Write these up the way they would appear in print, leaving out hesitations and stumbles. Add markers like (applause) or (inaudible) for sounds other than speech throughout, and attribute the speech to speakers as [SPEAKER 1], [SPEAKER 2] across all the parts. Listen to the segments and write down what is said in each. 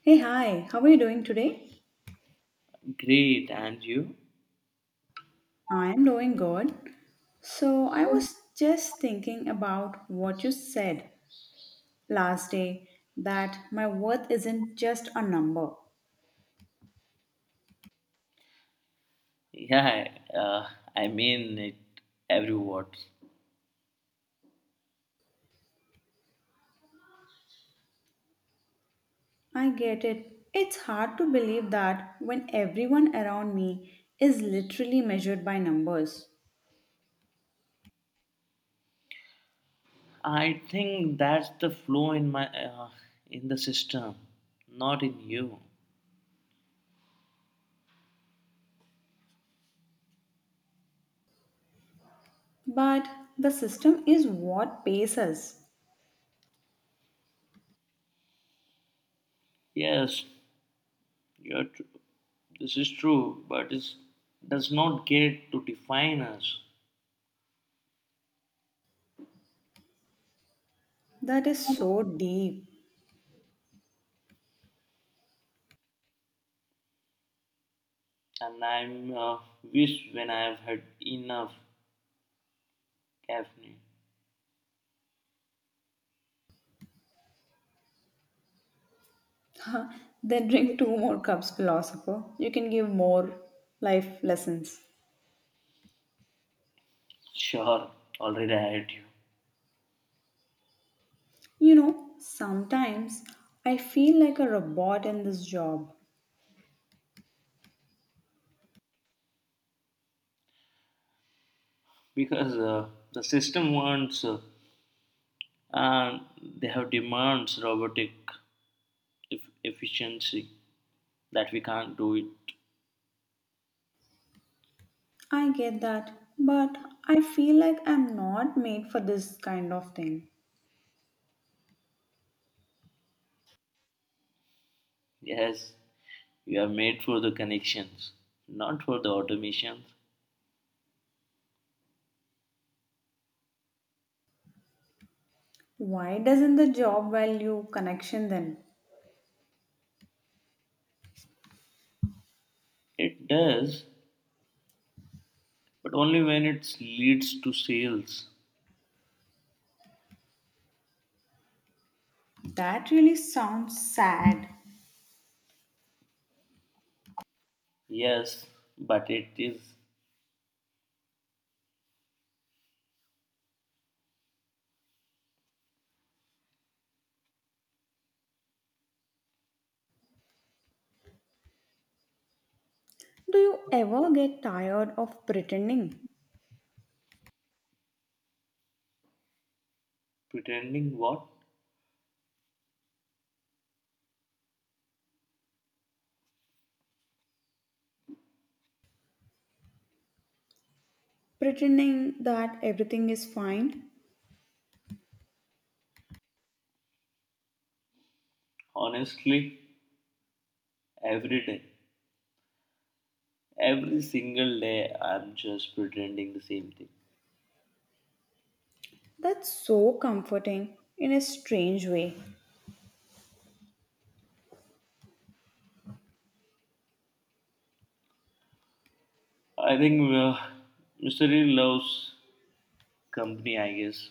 [SPEAKER 1] Hey, hi, how are you doing today?
[SPEAKER 2] Great, and you?
[SPEAKER 1] I'm doing good. So, I was just thinking about what you said last day that my worth isn't just a number.
[SPEAKER 2] Yeah, I mean it every word.
[SPEAKER 1] I get it. It's hard to believe that when everyone around me is literally measured by numbers.
[SPEAKER 2] I think that's the flaw in my in the system, not in you.
[SPEAKER 1] But the system is what pays us.
[SPEAKER 2] Yes, you're tr- this is true, but it does not get to define us.
[SPEAKER 1] That is so deep.
[SPEAKER 2] And I'm wish when I've had enough caffeine.
[SPEAKER 1] (laughs) Then drink two more cups, philosopher. You can give more life lessons.
[SPEAKER 2] Sure, already I had you.
[SPEAKER 1] You know, sometimes I feel like a robot in this job.
[SPEAKER 2] Because the system wants and they have demands robotic efficiency that we can't do it.
[SPEAKER 1] I get that, but I feel like I'm not made for this kind of thing.
[SPEAKER 2] Yes, we are made for the connections, not for the automations.
[SPEAKER 1] Why doesn't the job value connection then?
[SPEAKER 2] It does, but only when it leads to sales.
[SPEAKER 1] That really sounds sad.
[SPEAKER 2] Yes, but it is
[SPEAKER 1] Do you ever get tired of pretending?
[SPEAKER 2] pretending what?
[SPEAKER 1] Pretending that everything is fine?
[SPEAKER 2] Honestly, every day, every single day, I'm just pretending the same thing.
[SPEAKER 1] That's so comforting in a strange way.
[SPEAKER 2] I think Mr. E loves company, I guess.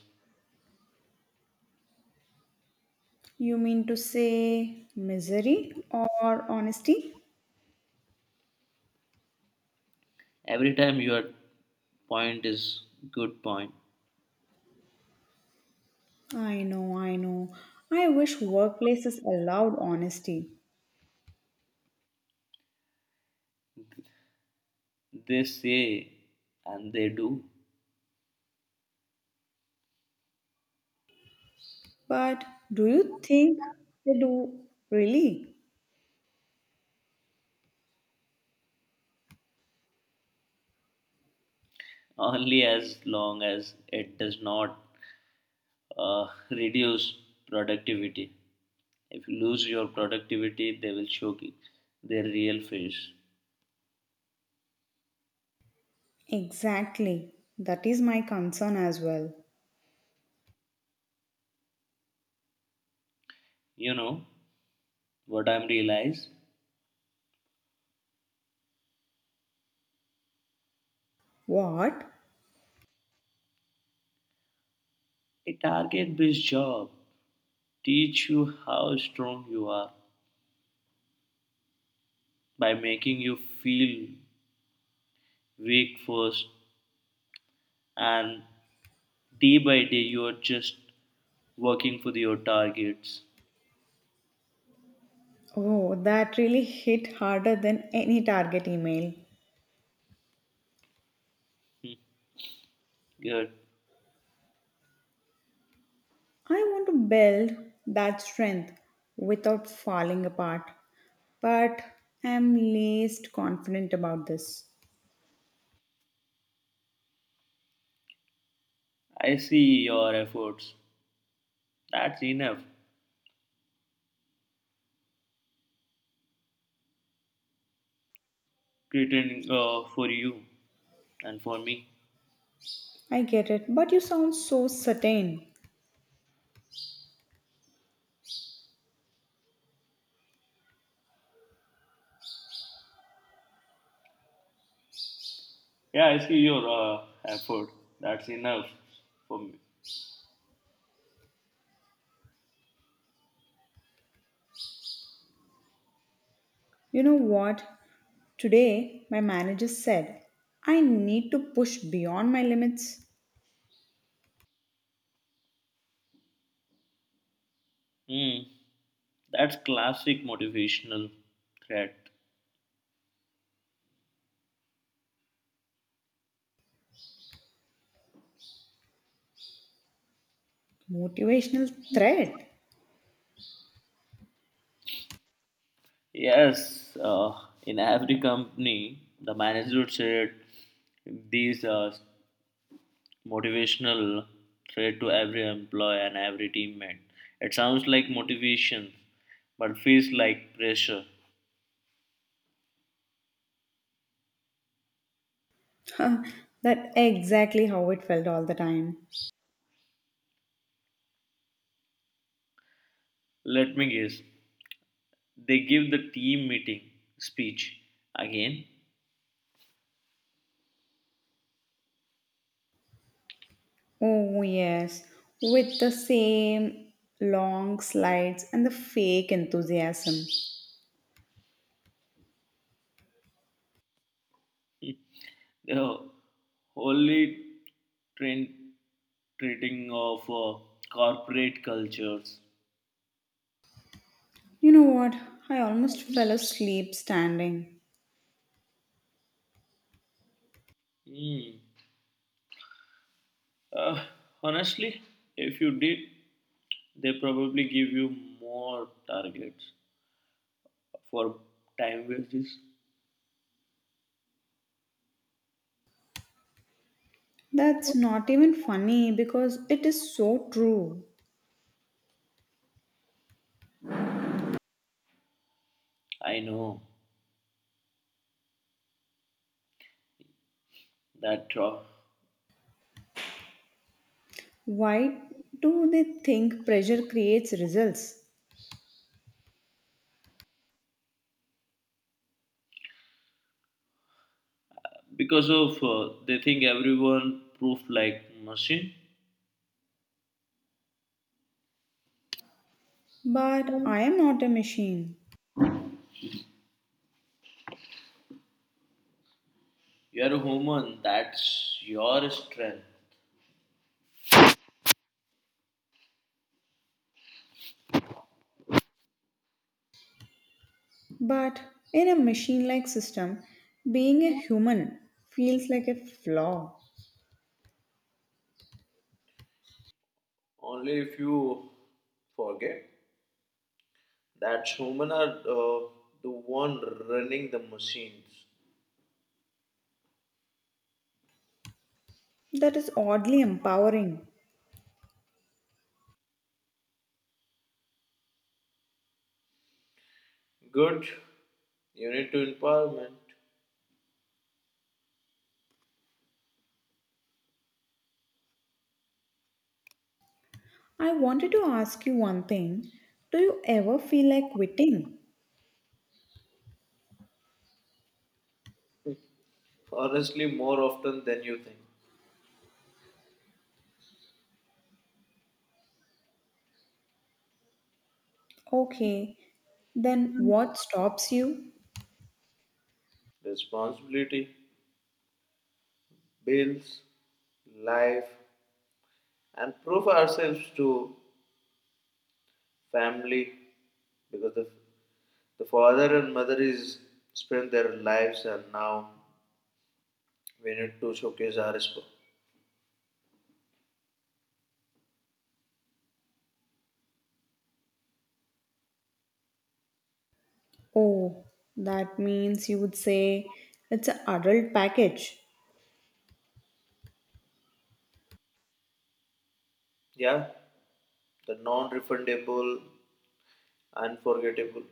[SPEAKER 1] You mean to say misery or honesty?
[SPEAKER 2] Every time your point is good point.
[SPEAKER 1] I know, I know. I wish workplaces allowed honesty.
[SPEAKER 2] They say and they do
[SPEAKER 1] But do you think they do really?
[SPEAKER 2] only as long as it does not reduce productivity. If you lose your productivity, they will show their real face.
[SPEAKER 1] Exactly. That is my concern as well.
[SPEAKER 2] You know what I'm realized?
[SPEAKER 1] What?
[SPEAKER 2] A target-based job teach you how strong you are by making you feel weak first, and day by day you are just working for your targets.
[SPEAKER 1] Oh, that really hit harder than any target email.
[SPEAKER 2] Hmm. Good.
[SPEAKER 1] I want to build that strength without falling apart. But I'm least confident about this.
[SPEAKER 2] I see your efforts. That's enough. Greeting for you and for me.
[SPEAKER 1] I get it, but you sound so certain.
[SPEAKER 2] Yeah, I see your effort. That's enough for me.
[SPEAKER 1] You know what? Today, my manager said, I need to push beyond my limits.
[SPEAKER 2] Hmm. That's classic motivational threat.
[SPEAKER 1] Motivational threat.
[SPEAKER 2] Yes, in every company, the manager said these motivational threat to every employee and every teammate. It sounds like motivation, but feels like pressure.
[SPEAKER 1] Huh, (laughs) that exactly how it felt all the time.
[SPEAKER 2] Let me guess. They give the team meeting speech again.
[SPEAKER 1] Oh, yes, with the same long slides and the fake enthusiasm.
[SPEAKER 2] (laughs) The holy trend treating of corporate cultures.
[SPEAKER 1] You know what? I almost fell asleep standing.
[SPEAKER 2] Hmm. Uh, honestly, if you did, they probably give you more targets for time wages.
[SPEAKER 1] That's not even funny because it is so true.
[SPEAKER 2] I know that
[SPEAKER 1] Why do they think pressure creates results?
[SPEAKER 2] because of they think everyone proof like machine.
[SPEAKER 1] But I am not a machine.
[SPEAKER 2] You are a human. That's your strength.
[SPEAKER 1] But in a machine like system, being a human feels like a flaw.
[SPEAKER 2] Only if you forget that human are the one running the machines.
[SPEAKER 1] That is oddly empowering.
[SPEAKER 2] Good, you need to empowerment.
[SPEAKER 1] I wanted to ask you one thing. Do you ever feel like quitting?
[SPEAKER 2] Honestly, more often than you think.
[SPEAKER 1] Okay, then what stops you?
[SPEAKER 2] Responsibility, bills, life, and prove ourselves to family because the father and mother is spend their lives and now we need to showcase our response.
[SPEAKER 1] Oh, that means you would say it's an adult package.
[SPEAKER 2] Yeah, the non-refundable. Unforgettable.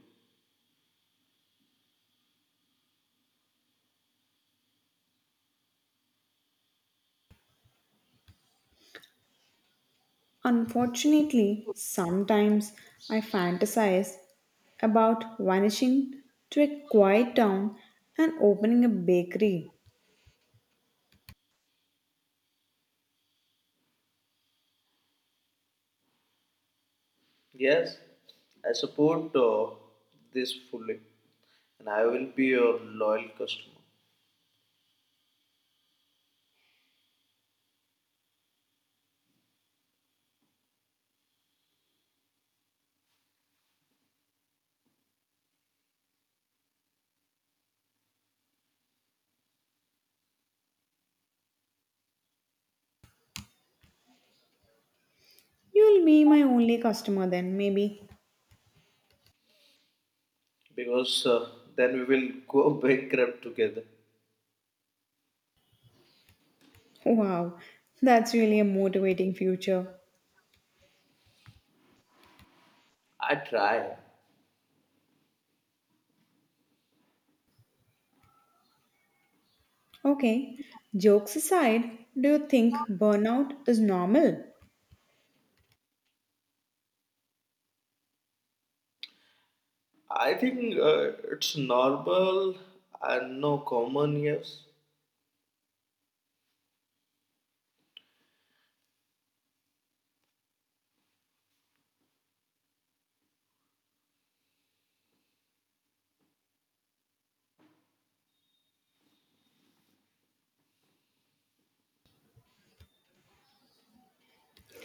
[SPEAKER 1] Unfortunately, sometimes I fantasize about vanishing to a quiet town and opening a bakery.
[SPEAKER 2] Yes, I support this fully, and I will be your loyal customer
[SPEAKER 1] You'll be my only customer then, maybe.
[SPEAKER 2] because then we will go (laughs) bankrupt together.
[SPEAKER 1] Wow, that's really a motivating future.
[SPEAKER 2] I try.
[SPEAKER 1] Okay, jokes aside, do you think burnout is normal?
[SPEAKER 2] I think it's normal and no common, yes,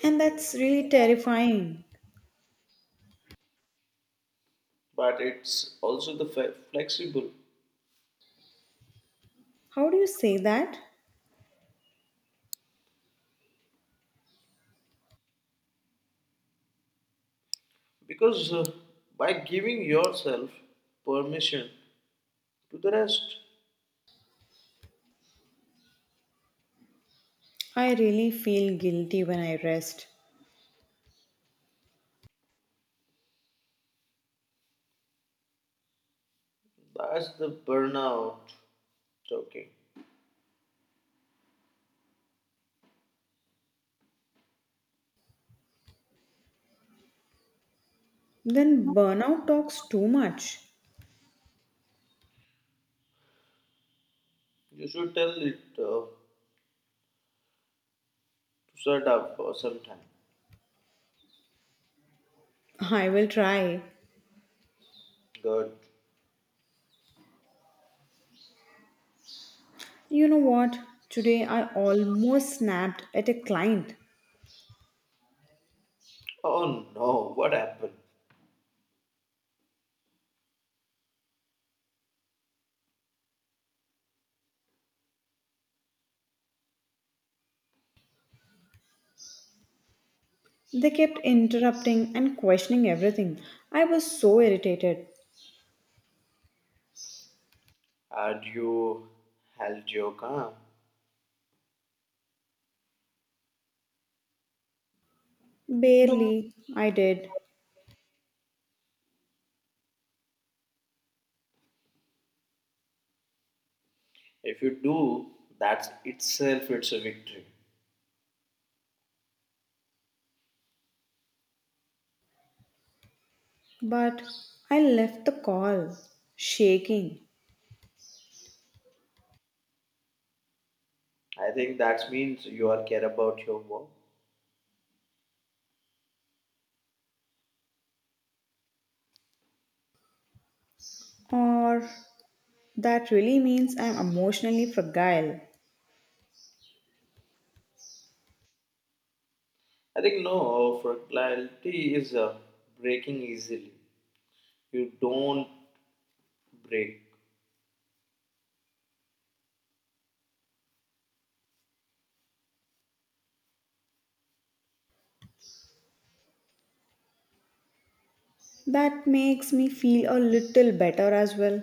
[SPEAKER 1] And that's really terrifying.
[SPEAKER 2] but it's also the flexible
[SPEAKER 1] How do you say that?
[SPEAKER 2] because by giving yourself permission to the rest,
[SPEAKER 1] I really feel guilty when I rest.
[SPEAKER 2] that's the burnout talking.
[SPEAKER 1] Then burnout talks too much.
[SPEAKER 2] You should tell it shut up for some time.
[SPEAKER 1] I will try.
[SPEAKER 2] Good.
[SPEAKER 1] You know what? Today I almost snapped at a client.
[SPEAKER 2] Oh no, what happened?
[SPEAKER 1] They kept interrupting and questioning everything. I was so irritated.
[SPEAKER 2] Had you held your calm?
[SPEAKER 1] Barely I did,
[SPEAKER 2] If you do, that's itself it's a victory.
[SPEAKER 1] but I left the call shaking.
[SPEAKER 2] I think that means you are care about your work.
[SPEAKER 1] Or that really means I'm emotionally fragile.
[SPEAKER 2] I think no, fertility is breaking easily. You don't break.
[SPEAKER 1] That makes me feel a little better as well.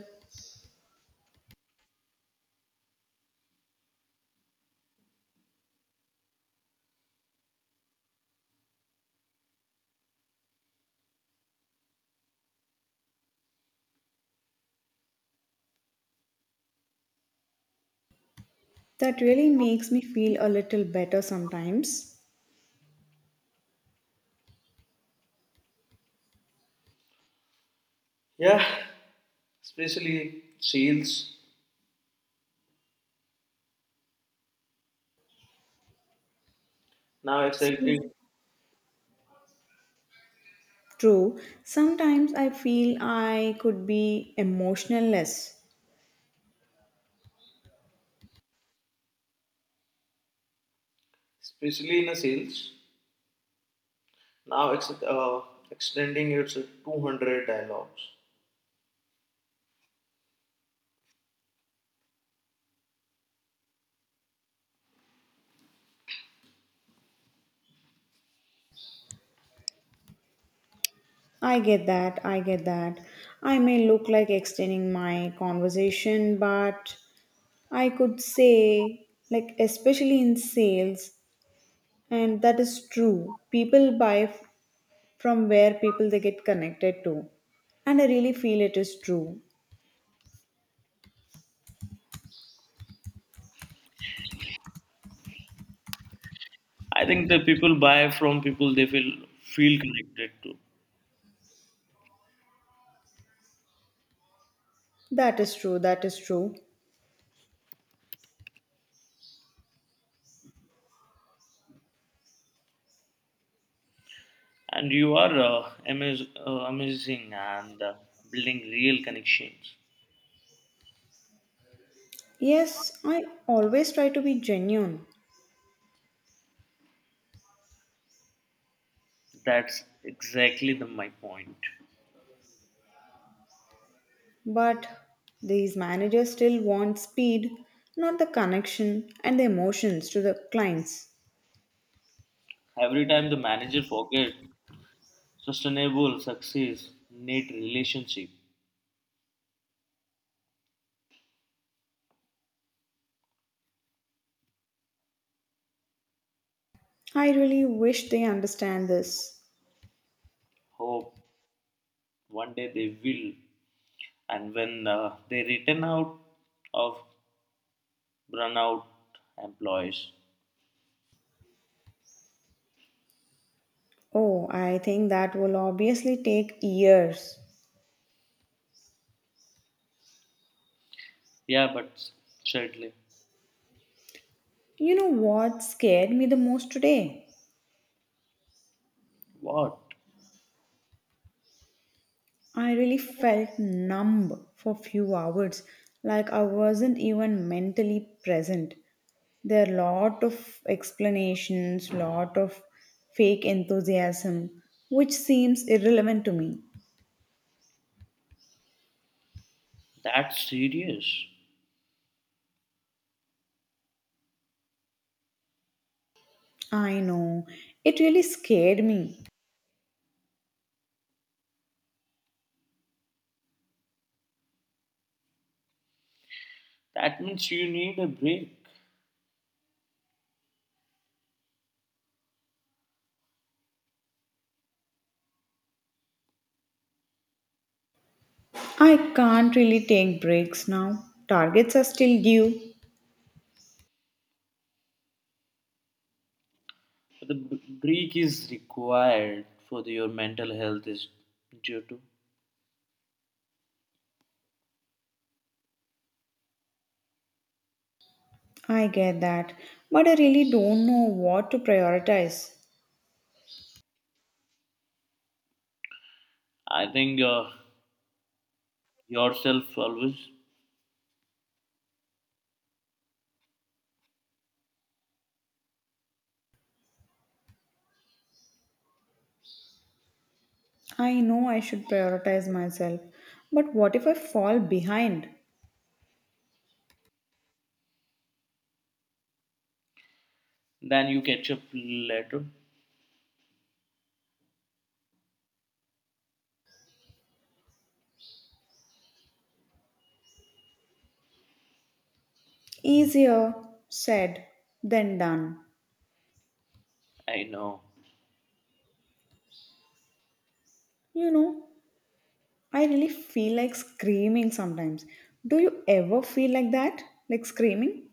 [SPEAKER 1] That really makes me feel a little better sometimes.
[SPEAKER 2] Yeah, especially seals. Now
[SPEAKER 1] So
[SPEAKER 2] exciting,
[SPEAKER 1] true, sometimes I feel I could be emotionless.
[SPEAKER 2] especially in the seals. Now it's extending its 200 dialogues.
[SPEAKER 1] I get that, I get that. I may look like extending my conversation, but I could say, like, especially in sales, and that is true. People buy from where people they get connected to. And I really feel it is true.
[SPEAKER 2] I think the people buy from people they feel connected to,
[SPEAKER 1] That is true, that is true.
[SPEAKER 2] and you are amazing and building real connections.
[SPEAKER 1] Yes, I always try to be genuine.
[SPEAKER 2] That's exactly my point.
[SPEAKER 1] But these managers still want speed, not the connection and the emotions to the clients.
[SPEAKER 2] Every time the manager forget sustainable success need relationship,
[SPEAKER 1] I really wish they understand this.
[SPEAKER 2] hope one day they will, and when they return out of burnout employees,
[SPEAKER 1] Oh, I think that will obviously take years.
[SPEAKER 2] yeah, but sadly,
[SPEAKER 1] You know what scared me the most today?
[SPEAKER 2] what?
[SPEAKER 1] I really felt numb for few hours, like I wasn't even mentally present. There are lot of explanations, lot of fake enthusiasm, which seems irrelevant to me.
[SPEAKER 2] That's serious.
[SPEAKER 1] I know. It really scared me.
[SPEAKER 2] That means you need a break.
[SPEAKER 1] I can't really take breaks now. Targets are still due.
[SPEAKER 2] The break is required for the- your mental health is due to.
[SPEAKER 1] I get that. But I really don't know what to prioritize.
[SPEAKER 2] I think yourself always.
[SPEAKER 1] I know I should prioritize myself. But what if I fall behind?
[SPEAKER 2] Then you catch up later.
[SPEAKER 1] Easier said than done.
[SPEAKER 2] I know.
[SPEAKER 1] You know, I really feel like screaming sometimes. Do you ever feel like that? Like screaming?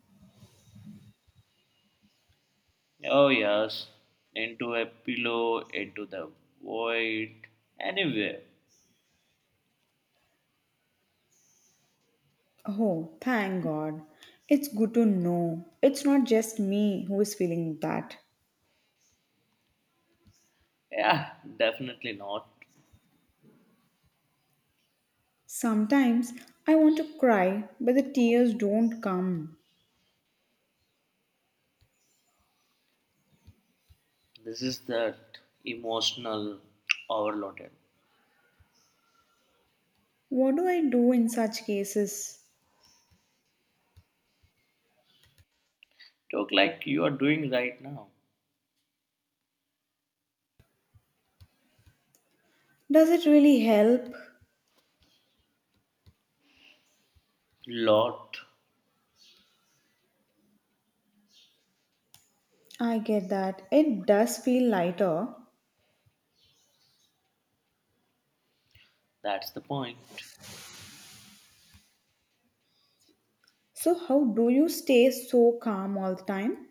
[SPEAKER 2] Oh yes, into a pillow, into the void, anywhere.
[SPEAKER 1] Oh, thank God. It's good to know it's not just me who is feeling that.
[SPEAKER 2] Yeah, definitely not.
[SPEAKER 1] Sometimes I want to cry, but the tears don't come.
[SPEAKER 2] This is that emotional overloaded.
[SPEAKER 1] What do I do in such cases?
[SPEAKER 2] Talk like you are doing right now.
[SPEAKER 1] Does it really help?
[SPEAKER 2] Lot.
[SPEAKER 1] I get that. It does feel lighter.
[SPEAKER 2] That's the point.
[SPEAKER 1] So, how do you stay so calm all the time?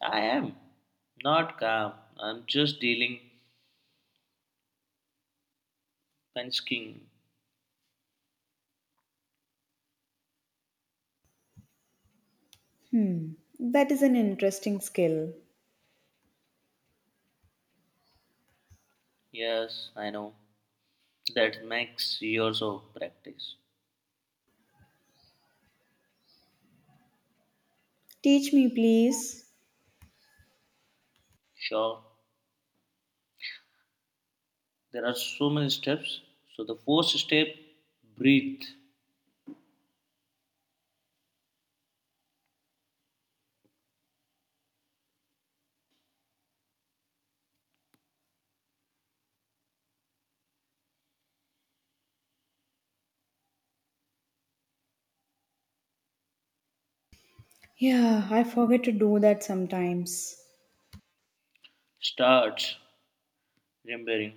[SPEAKER 2] I am not calm. I'm just dealing Pensking.
[SPEAKER 1] Hmm, that is an interesting skill.
[SPEAKER 2] Yes, I know. That makes years of practice.
[SPEAKER 1] Teach me, please.
[SPEAKER 2] Sure. There are so many steps. So the first step, breathe.
[SPEAKER 1] Yeah, I forget to do that sometimes.
[SPEAKER 2] Start remembering.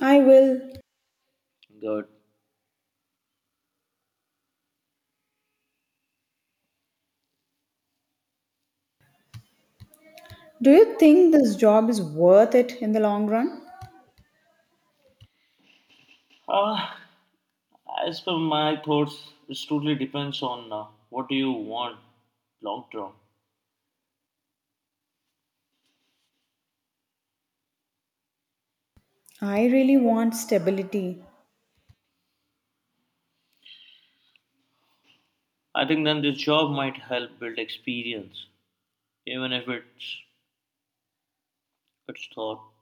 [SPEAKER 1] I will.
[SPEAKER 2] Good.
[SPEAKER 1] Do you think this job is worth it in the long run?
[SPEAKER 2] Ah, as per my thoughts, it totally depends on what do you want long term.
[SPEAKER 1] I really want stability.
[SPEAKER 2] I think then this job might help build experience, even if it's thought.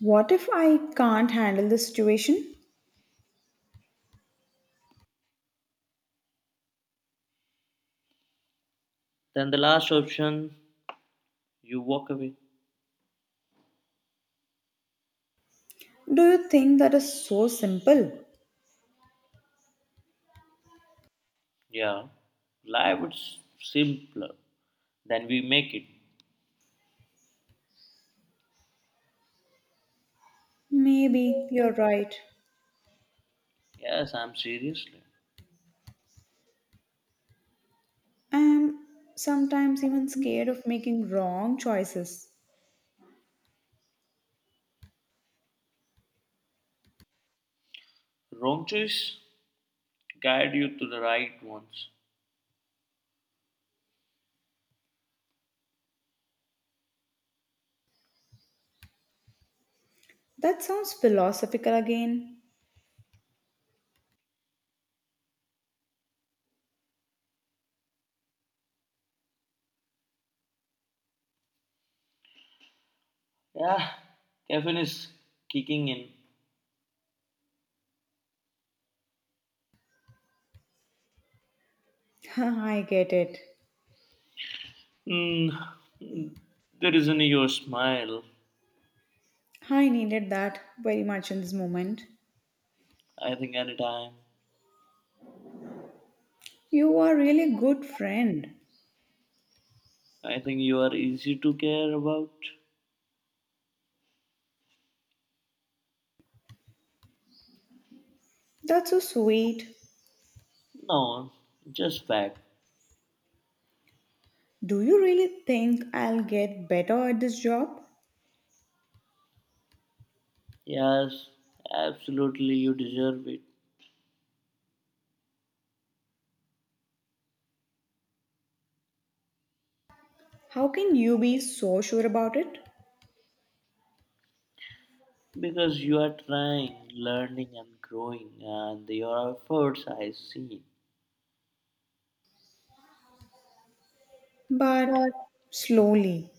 [SPEAKER 1] What if I can't handle the situation?
[SPEAKER 2] Then the last option. You walk away.
[SPEAKER 1] Do you think that is so simple?
[SPEAKER 2] Yeah. Life is simpler than we make it.
[SPEAKER 1] Maybe you're right.
[SPEAKER 2] Yes, I'm seriously.
[SPEAKER 1] I'm sometimes even scared of making wrong choices.
[SPEAKER 2] Wrong choice guide you to the right ones.
[SPEAKER 1] That sounds philosophical again.
[SPEAKER 2] Yeah, caffeine is kicking in.
[SPEAKER 1] (laughs) I get it.
[SPEAKER 2] Mm, the reason your smile,
[SPEAKER 1] I needed that very much in this moment.
[SPEAKER 2] I think anytime.
[SPEAKER 1] You are really a good friend.
[SPEAKER 2] I think you are easy to care about.
[SPEAKER 1] That's so sweet.
[SPEAKER 2] No, just fact.
[SPEAKER 1] Do you really think I'll get better at this job?
[SPEAKER 2] Yes, absolutely, you deserve it.
[SPEAKER 1] How can you be so sure about it?
[SPEAKER 2] Because you are trying, learning, and growing, and your efforts I see.
[SPEAKER 1] But
[SPEAKER 2] But
[SPEAKER 1] slowly,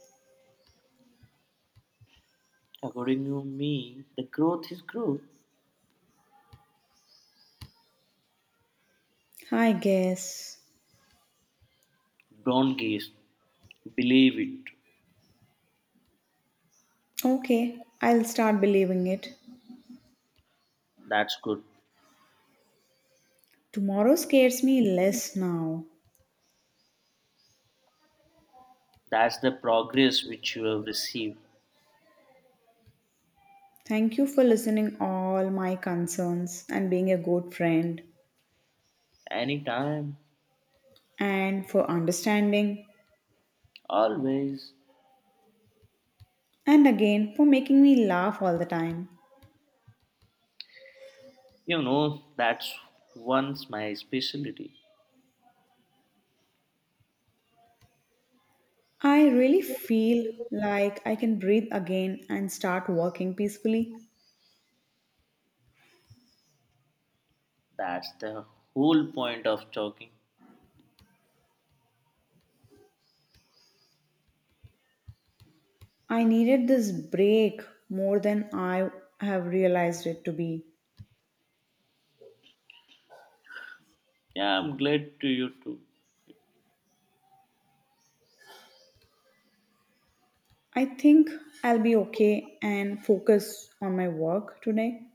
[SPEAKER 2] according to me, the growth is growth.
[SPEAKER 1] I guess.
[SPEAKER 2] Don't guess, believe it.
[SPEAKER 1] Okay, I'll start believing it.
[SPEAKER 2] That's good.
[SPEAKER 1] Tomorrow scares me less now.
[SPEAKER 2] That's the progress which you have received.
[SPEAKER 1] Thank you for listening all my concerns and being a good friend
[SPEAKER 2] Anytime,
[SPEAKER 1] and for understanding
[SPEAKER 2] always.
[SPEAKER 1] and again for making me laugh all the time.
[SPEAKER 2] You know, that's once my specialty.
[SPEAKER 1] I really feel like I can breathe again and start working peacefully.
[SPEAKER 2] That's the whole point of talking.
[SPEAKER 1] I needed this break more than I have realized it to be.
[SPEAKER 2] Yeah, I'm glad to you too.
[SPEAKER 1] I think I'll be okay and focus on my work today.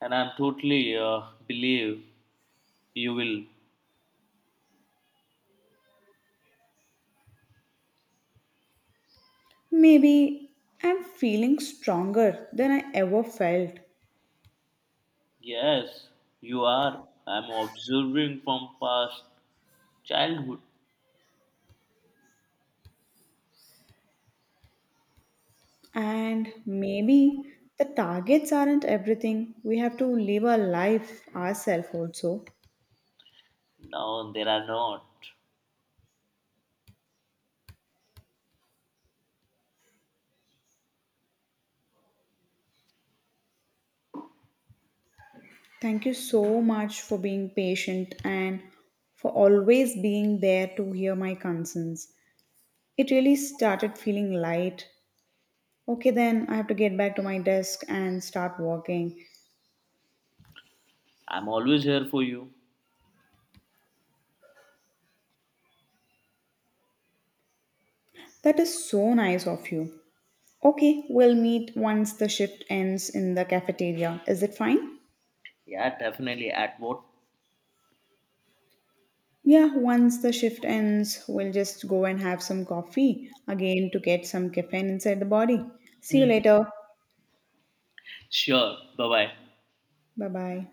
[SPEAKER 2] And I'm totally believe you will.
[SPEAKER 1] Maybe I'm feeling stronger than I ever felt.
[SPEAKER 2] Yes, you are. I'm observing from past childhood.
[SPEAKER 1] And maybe the targets aren't everything. We have to live our life ourselves also.
[SPEAKER 2] Now there are not.
[SPEAKER 1] Thank you so much for being patient and for always being there to hear my concerns. It really started feeling light. Okay, then I have to get back to my desk and start working.
[SPEAKER 2] I'm always here for you.
[SPEAKER 1] That is so nice of you. Okay, we'll meet once the shift ends in the cafeteria. Is it fine?
[SPEAKER 2] Yeah, definitely. At what?
[SPEAKER 1] Yeah, once the shift ends, we'll just go and have some coffee again to get some caffeine inside the body. See you
[SPEAKER 2] (laughs)
[SPEAKER 1] later.
[SPEAKER 2] Sure. Bye bye.
[SPEAKER 1] Bye bye.